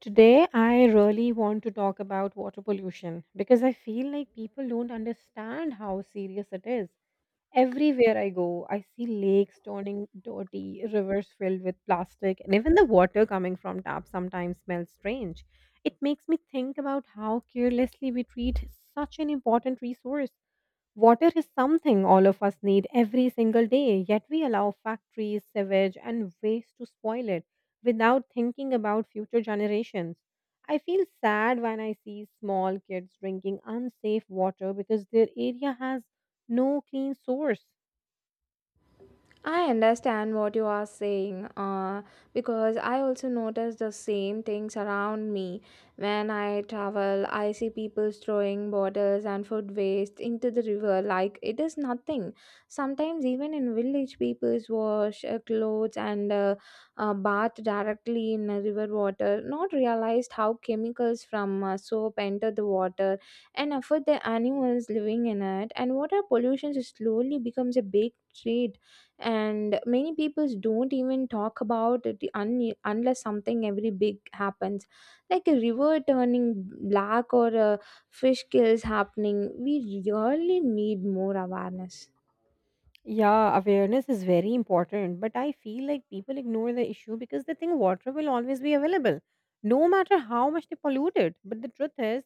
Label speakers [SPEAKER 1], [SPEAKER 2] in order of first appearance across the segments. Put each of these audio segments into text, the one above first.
[SPEAKER 1] Today, I really want to talk about water pollution because I feel like people don't understand how serious it is. Everywhere I go, I see lakes turning dirty, rivers filled with plastic, and even the water coming from taps sometimes smells strange. It makes me think about how carelessly we treat such an important resource. Water is something all of us need every single day, yet we allow factories, sewage, and waste to spoil it without thinking about future generations. I feel sad when I see small kids drinking unsafe water because their area has no clean source.
[SPEAKER 2] I understand what you are saying because I also notice the same things around me. When I travel, I see people throwing bottles and food waste into the river like it is nothing. Sometimes, even in village, people wash clothes and bath directly in river water, not realized how chemicals from soap enter the water and affect the animals living in it, and water pollution slowly becomes a big threat and many people don't even talk about it unless something every big happens like a river turning black or a fish kills happening. We really need more awareness.
[SPEAKER 1] Yeah, awareness is very important, but I feel like people ignore the issue because they think water will always be available, no matter how much they pollute it. But the truth is,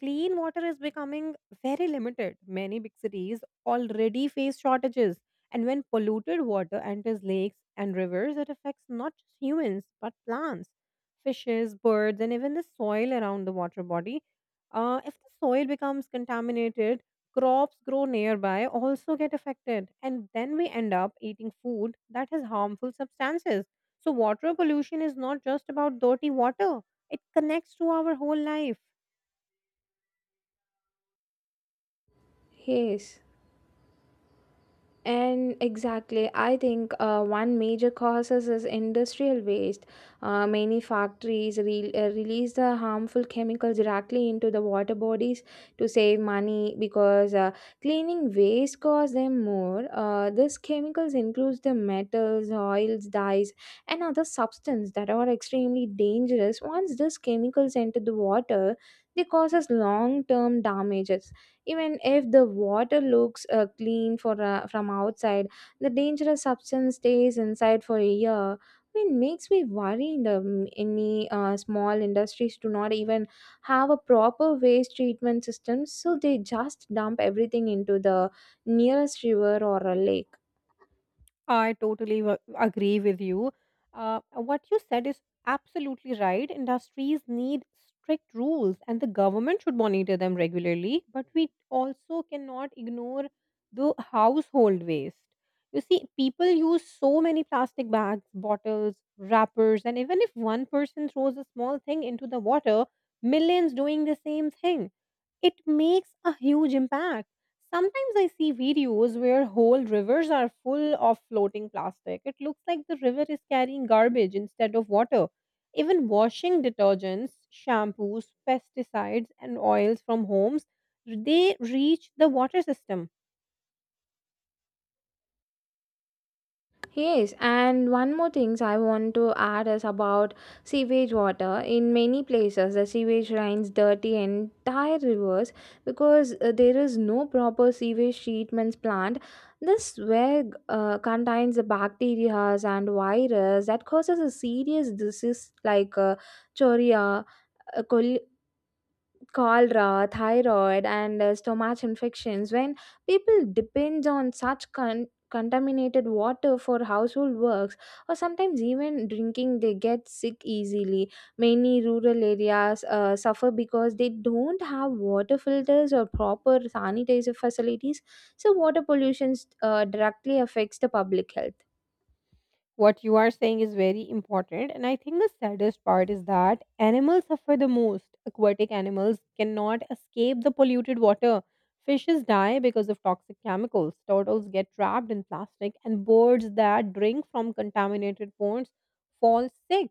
[SPEAKER 1] clean water is becoming very limited. Many big cities already face shortages, and when polluted water enters lakes and rivers, it affects not just humans but plants, fishes, birds, and even the soil around the water body. If the soil becomes contaminated, crops grown nearby also get affected, and then we end up eating food that has harmful substances. So water pollution is not just about dirty water, it connects to our whole life.
[SPEAKER 2] Yes. And exactly, I think one major causes is industrial waste. Many factories release the harmful chemicals directly into the water bodies to save money because cleaning waste costs them more. These chemicals includes the metals, oils, dyes, and other substances that are extremely dangerous. Once these chemicals enter the water, they causes long-term damages even if the water looks clean from outside, the dangerous substance stays inside for a year. I mean, makes me worry in the any small industries do not even have a proper waste treatment system, so they just dump everything into the nearest river or a lake.
[SPEAKER 1] I totally agree with you. What you said is absolutely right. Industries need strict rules, and the government should monitor them regularly. But we also cannot ignore the household waste. You see, people use so many plastic bags, bottles, wrappers, and even if one person throws a small thing into the water, millions doing the same thing, it makes a huge impact. Sometimes I see videos where whole rivers are full of floating plastic. It looks like the river is carrying garbage instead of water. Even washing detergents, shampoos, pesticides, and oils from homes, they reach the water system.
[SPEAKER 2] Yes, and one more things I want to add is about sewage water. In many places, the sewage runs dirty entire rivers because there is no proper sewage treatment plant. This swag contains the bacteria and virus that causes a serious disease like chorea, cholera, thyroid, and stomach infections. When people depend on such contaminated water for household works or sometimes even drinking, they get sick easily. Many rural areas suffer because they don't have water filters or proper sanitizer facilities, so water pollution directly affects the public health.
[SPEAKER 1] What you are saying is very important, and I think the saddest part is that animals suffer the most. Aquatic animals cannot escape the polluted water. Fishes die because of toxic chemicals, turtles get trapped in plastic, and birds that drink from contaminated ponds fall sick.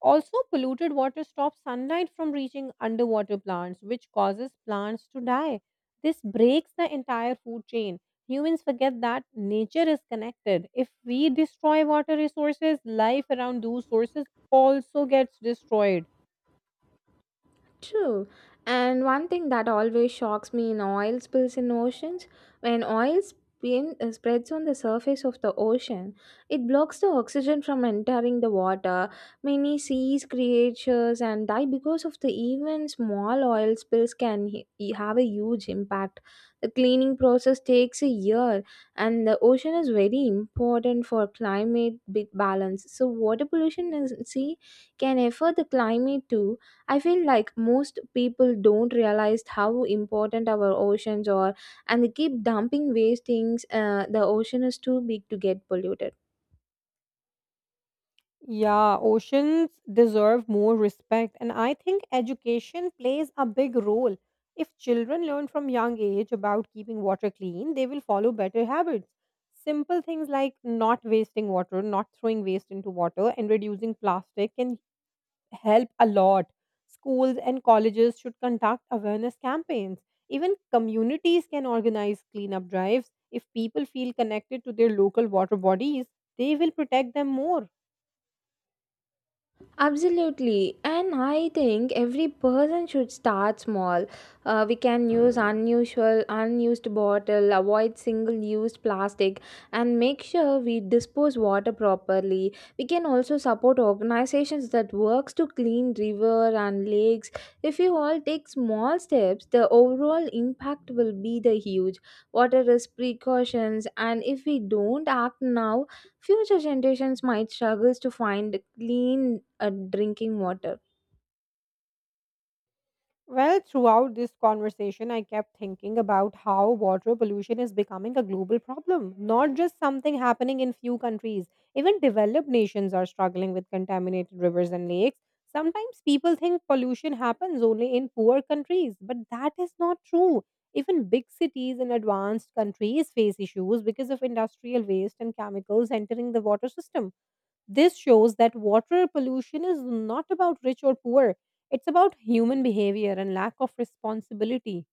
[SPEAKER 1] Also, polluted water stops sunlight from reaching underwater plants, which causes plants to die. This breaks the entire food chain. Humans forget that nature is connected. If we destroy water resources, life around those sources also gets destroyed.
[SPEAKER 2] True. And one thing that always shocks me in oil spills in oceans, when oil spreads on the surface of the ocean, it blocks the oxygen from entering the water. Many seas creatures and die because of the even small oil spills can have a huge impact. The cleaning process takes a year, and the ocean is very important for climate bit balance. So water pollution in sea can affect the climate too. I feel like most people don't realize how important our oceans are and they keep dumping waste things. The ocean is too big to get polluted.
[SPEAKER 1] Yeah, oceans deserve more respect, and I think education plays a big role. If children learn from young age about keeping water clean, they will follow better habits. Simple things like not wasting water, not throwing waste into water, and reducing plastic can help a lot. Schools and colleges should conduct awareness campaigns. Even communities can organize cleanup drives. If people feel connected to their local water bodies, they will protect them more.
[SPEAKER 2] Absolutely, and I think every person should start small. We can use unusual, unused bottle, avoid single-used plastic, and make sure we dispose water properly. We can also support organizations that works to clean river and lakes. If you all take small steps, the overall impact will be the huge. Water is precautions, and if we don't act now, future generations might struggle to find clean drinking water.
[SPEAKER 1] Well, throughout this conversation, I kept thinking about how water pollution is becoming a global problem, not just something happening in few countries. Even developed nations are struggling with contaminated rivers and lakes. Sometimes people think pollution happens only in poor countries, but that is not true. Even big cities and advanced countries face issues because of industrial waste and chemicals entering the water system. This shows that water pollution is not about rich or poor, it's about human behavior and lack of responsibility.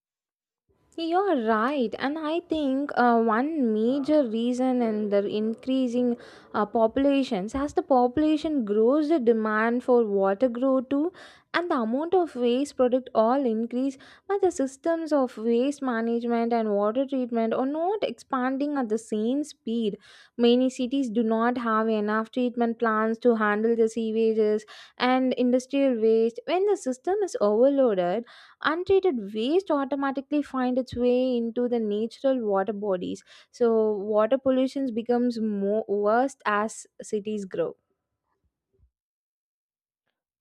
[SPEAKER 2] You're right, and I think one major reason in the increasing populations as the population grows, the demand for water grow too, and the amount of waste product all increase. But the systems of waste management and water treatment are not expanding at the same speed. Many cities do not have enough treatment plants to handle the sewages and industrial waste. When the system is overloaded, untreated waste automatically find its way into the natural water bodies, so water pollution becomes more worse as cities grow.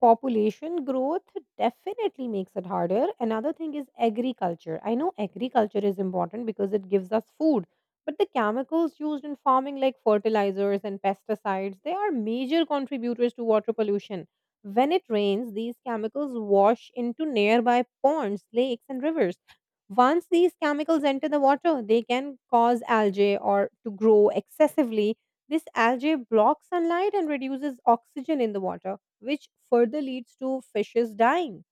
[SPEAKER 1] Population growth definitely makes it harder. Another thing is agriculture. I know agriculture is important because it gives us food, but the chemicals used in farming, like fertilizers and pesticides, they are major contributors to water pollution. When it rains, these chemicals wash into nearby ponds, lakes, and rivers. Once these chemicals enter the water, they can cause algae or to grow excessively. This algae blocks sunlight and reduces oxygen in the water, which further leads to fishes dying.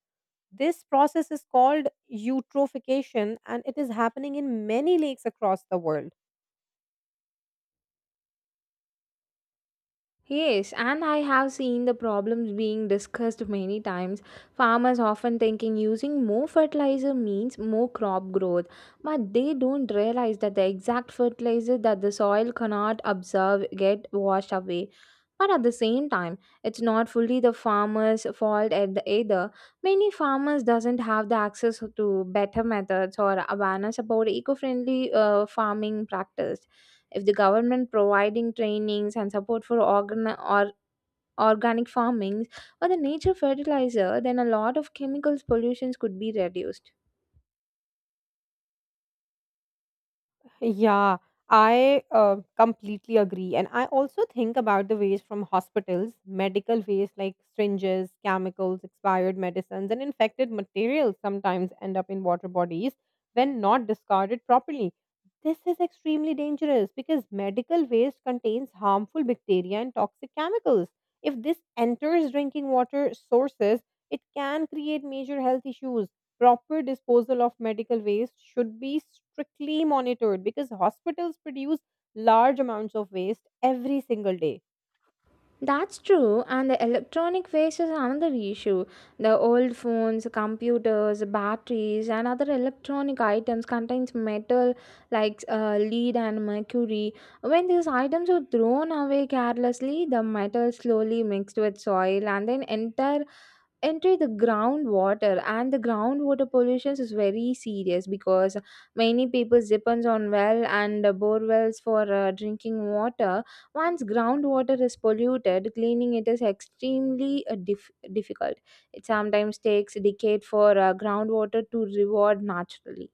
[SPEAKER 1] This process is called eutrophication, and it is happening in many lakes across the world.
[SPEAKER 2] Yes, and I have seen the problems being discussed many times. Farmers often thinking using more fertilizer means more crop growth, but they don't realize that the exact fertilizer that the soil cannot absorb get washed away. But at the same time, it's not fully the farmer's fault at the either. Many farmers doesn't have the access to better methods or awareness about eco-friendly farming practice. If the government providing trainings and support for organ or organic farming or the nature fertilizer, then a lot of chemicals pollutions could be reduced.
[SPEAKER 1] Yeah, I completely agree. And I also think about the waste from hospitals, medical waste like syringes, chemicals, expired medicines, and infected materials sometimes end up in water bodies when not discarded properly. This is extremely dangerous because medical waste contains harmful bacteria and toxic chemicals. If this enters drinking water sources, it can create major health issues. Proper disposal of medical waste should be strictly monitored because hospitals produce large amounts of waste every single day.
[SPEAKER 2] That's true, and the electronic waste is another issue. The old phones, computers, batteries, and other electronic items contains metal like lead and mercury. When these items are thrown away carelessly, the metal slowly mixed with soil and then enter the groundwater, and the groundwater pollution is very serious because many people depends on well and bore wells for drinking water. Once groundwater is polluted, cleaning it is extremely difficult. It sometimes takes a decade for groundwater to reward naturally.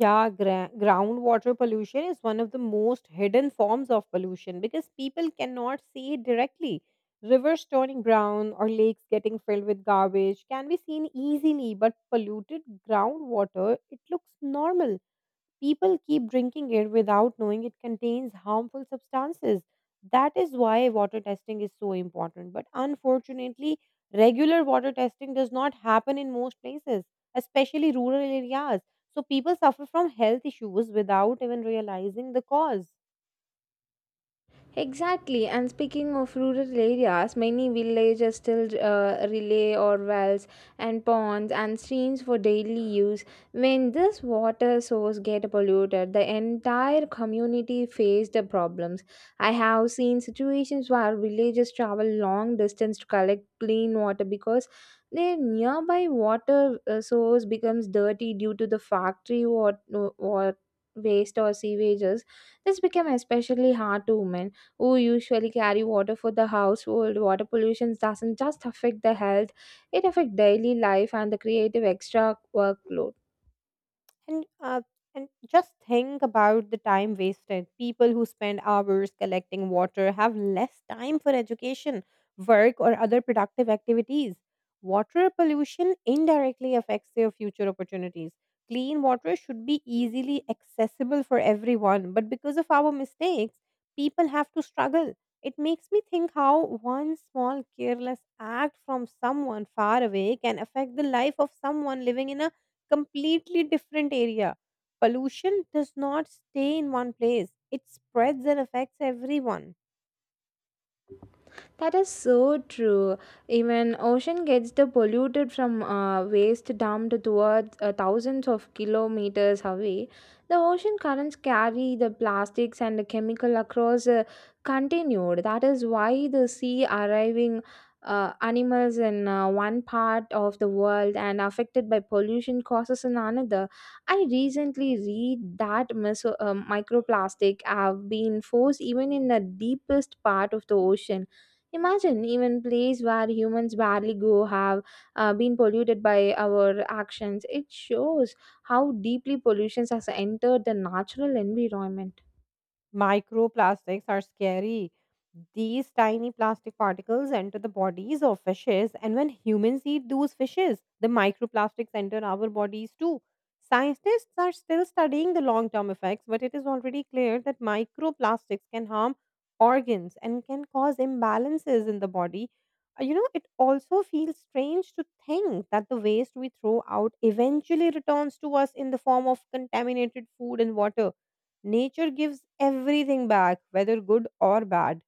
[SPEAKER 1] Yeah, groundwater pollution is one of the most hidden forms of pollution because people cannot see it directly. Rivers turning brown or lakes getting filled with garbage can be seen easily, but polluted groundwater, it looks normal. People keep drinking it without knowing it contains harmful substances. That is why water testing is so important. But unfortunately, regular water testing does not happen in most places, especially rural areas. So people suffer from health issues without even realizing the cause.
[SPEAKER 2] Exactly, and speaking of rural areas, many villages still rely on wells and ponds and streams for daily use. When this water source get polluted, the entire community face the problems. I have seen situations where villages travel long distance to collect clean water because their nearby water source becomes dirty due to the factory water, waste or sewages. This became especially hard to women who usually carry water for the household. Water pollution doesn't just affect the health, it affects daily life and the creative extra workload.
[SPEAKER 1] And uh, and just think about the time wasted. People who spend hours collecting water have less time for education, work, or other productive activities. Water pollution indirectly affects their future opportunities. Clean water should be easily accessible for everyone, but because of our mistakes, people have to struggle. It makes me think how one small careless act from someone far away can affect the life of someone living in a completely different area. Pollution does not stay in one place, it spreads and affects everyone.
[SPEAKER 2] That is so true. Even ocean gets the polluted from waste dumped towards thousands of kilometers away. The ocean currents carry the plastics and the chemical across continued. That is why the sea arriving animals in one part of the world and affected by pollution causes in another. I recently read that microplastic have been forced even in the deepest part of the ocean. Imagine even places where humans barely go have been polluted by our actions. It shows how deeply pollutions has entered the natural environment.
[SPEAKER 1] Microplastics are scary. These tiny plastic particles enter the bodies of fishes, and when humans eat those fishes, the microplastics enter our bodies too. Scientists are still studying the long term effects, but it is already clear that microplastics can harm organs and can cause imbalances in the body. You know, it also feels strange to think that the waste we throw out eventually returns to us in the form of contaminated food and water. Nature gives everything back, whether good or bad.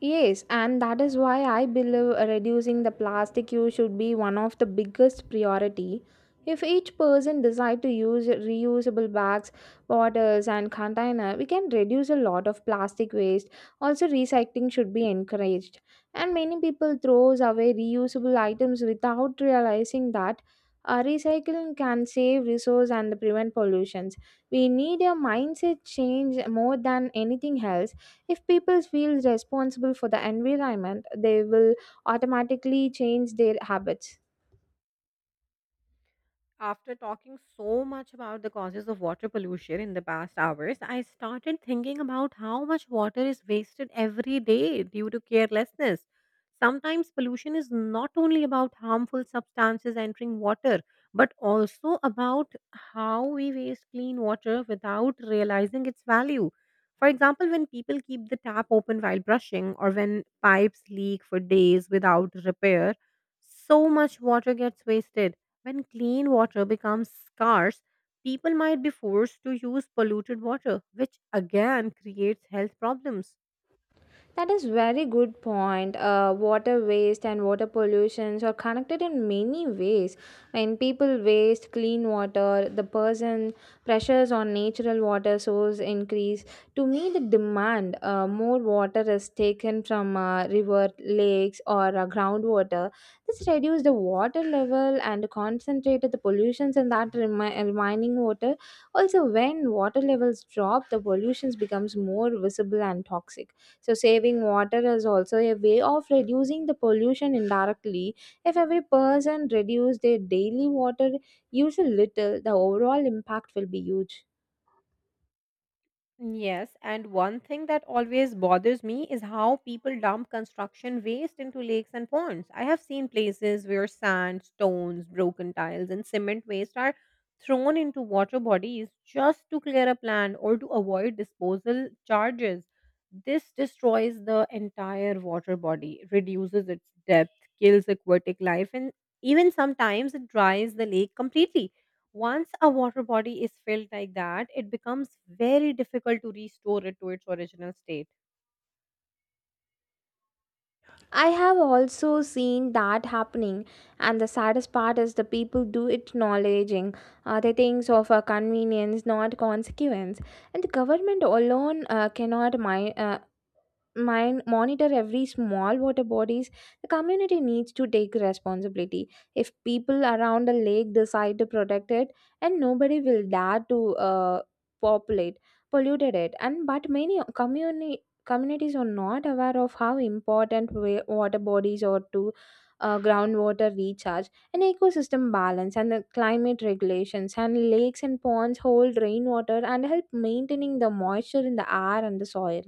[SPEAKER 2] Yes, and that is why I believe reducing the plastic use should be one of the biggest priority. If each person decide to use reusable bags, bottles and container, we can reduce a lot of plastic waste. Also recycling should be encouraged. And many people throws away reusable items without realizing that recycling can save resource and prevent pollutions. We need a mindset change more than anything else. If people feel responsible for the environment, they will automatically change their habits.
[SPEAKER 1] After talking so much about the causes of water pollution in the past hours, I started thinking about how much water is wasted every day due to carelessness. Sometimes pollution is not only about harmful substances entering water, but also about how we waste clean water without realizing its value. For example, when people keep the tap open while brushing, or when pipes leak for days without repair, so much water gets wasted. When clean water becomes scarce, people might be forced to use polluted water, which again creates health problems.
[SPEAKER 2] That is very good point. Water waste and water pollutions are connected in many ways. When people waste clean water, the person pressures on natural water source increase. To meet the demand, more water is taken from river, lakes, or groundwater. This reduces the water level and concentrated the pollutions in that remaining water. Also, when water levels drop, the pollutions becomes more visible and toxic. So, saving water is also a way of reducing the pollution indirectly. If every person reduce their daily water use a little, the overall impact will be huge.
[SPEAKER 1] Yes, and one thing that always bothers me is how people dump construction waste into lakes and ponds. I have seen places where sand, stones, broken tiles, and cement waste are thrown into water bodies just to clear up land or to avoid disposal charges. This destroys the entire water body, reduces its depth, kills aquatic life, and even sometimes it dries the lake completely. Once a water body is filled like that, it becomes very difficult to restore it to its original state.
[SPEAKER 2] I have also seen that happening, and the saddest part is the people do it acknowledging the things of convenience, not consequence. And the government alone cannot mind monitor every small water bodies, the community needs to take responsibility. If people around the lake decide to protect it, and nobody will dare to populate polluted it, and but many community communities are not aware of how important water bodies are to groundwater recharge and ecosystem balance and the climate regulations, and lakes and ponds hold rainwater and help maintaining the moisture in the air and the soil.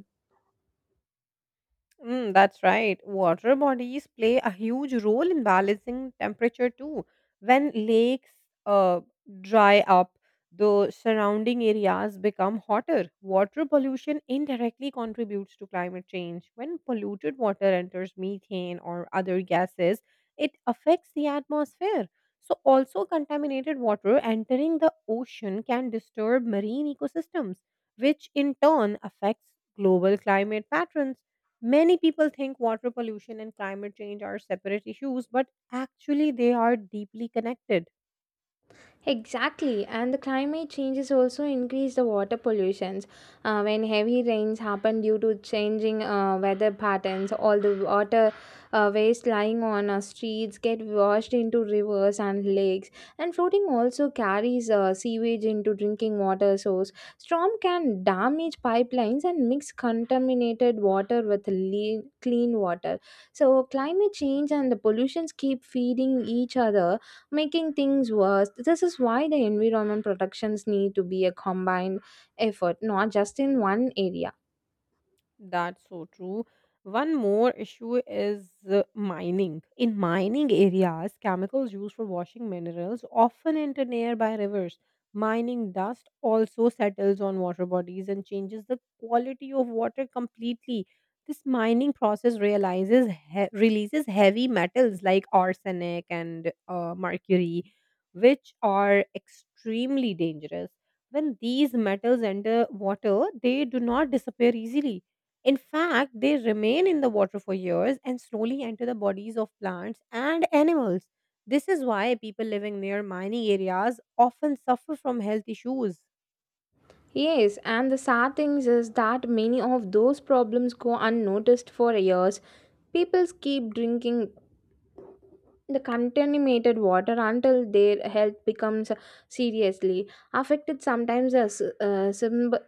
[SPEAKER 1] Mm, that's right. Water bodies play a huge role in balancing temperature too. When lakes uh, dry up, the surrounding areas become hotter. Water pollution indirectly contributes to climate change. When polluted water enters methane or other gases, it affects the atmosphere. So, also contaminated water entering the ocean can disturb marine ecosystems, which in turn affects global climate patterns. Many people think water pollution and climate change are separate issues, but actually, they are deeply connected.
[SPEAKER 2] Exactly, and the climate changes also increase the water pollutions. When heavy rains happen due to changing weather patterns, all the water waste lying on our streets get washed into rivers and lakes. And floating also carries sewage into drinking water source. Storm can damage pipelines and mix contaminated water with clean water. So climate change and the pollutions keep feeding each other, making things worse. This is why the environment protections need to be a combined effort, not just in one area.
[SPEAKER 1] That's so true. One more issue is mining. In mining areas, chemicals used for washing minerals often enter nearby rivers. Mining dust also settles on water bodies and changes the quality of water completely. This mining process releases heavy metals like arsenic and mercury, which are extremely dangerous. When these metals enter water, they do not disappear easily. In fact, they remain in the water for years and slowly enter the bodies of plants and animals. This is why people living near mining areas often suffer from health issues.
[SPEAKER 2] Yes, and the sad thing is that many of those problems go unnoticed for years. People keep drinking the contaminated water until their health becomes seriously affected. Sometimes as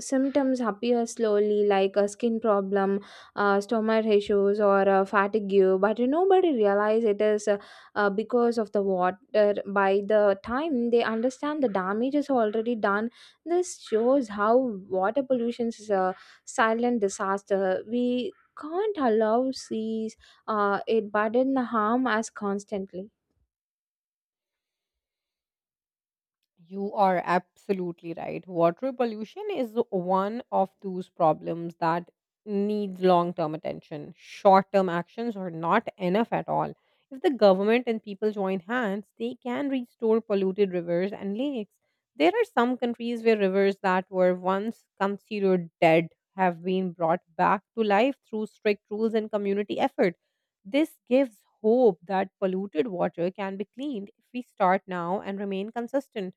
[SPEAKER 2] symptoms appear slowly like a skin problem, stomach issues or fatigue, but nobody realize it is because of the water. By the time they understand, the damage is already done. This shows how water pollution is a silent disaster. We can't allow seas, it burden the harm as constantly.
[SPEAKER 1] You are absolutely right. Water pollution is one of those problems that needs long term attention. Short term actions are not enough at all. If the government and people join hands, they can restore polluted rivers and lakes. There are some countries where rivers that were once considered dead have been brought back to life through strict rules and community effort. This gives hope that polluted water can be cleaned if we start now and remain consistent.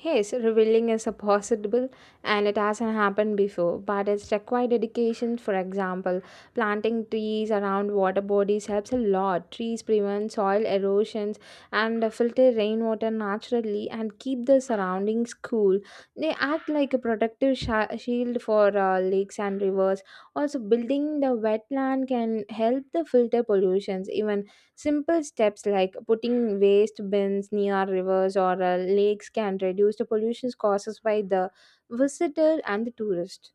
[SPEAKER 2] Yes, revealing is a possible and it hasn't happened before, but it's required dedication. For example, planting trees around water bodies helps a lot. Trees prevent soil erosions and filter rainwater naturally and keep the surroundings cool. They act like a protective shield for lakes and rivers. Also, building the wetland can help the filter pollutions. Even simple steps like putting waste bins near rivers or lakes can reduce the pollution causes by the visitor and the tourist.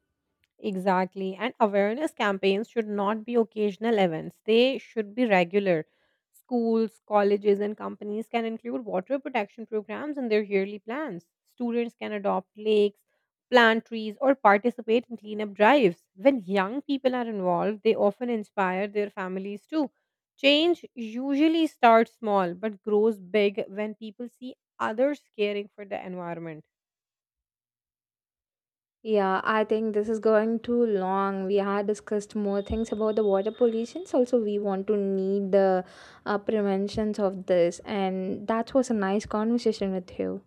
[SPEAKER 1] Exactly. And awareness campaigns should not be occasional events, they should be regular. Schools, colleges, and companies can include water protection programs in their yearly plans. Students can adopt lakes, plant trees, or participate in cleanup drives. When young people are involved, they often inspire their families too. Change usually starts small but grows big when people see others caring for the environment.
[SPEAKER 2] Yeah, I think this is going too long. We had discussed more things about the water pollution. So also, we want to need the preventions of this, and that was a nice conversation with you.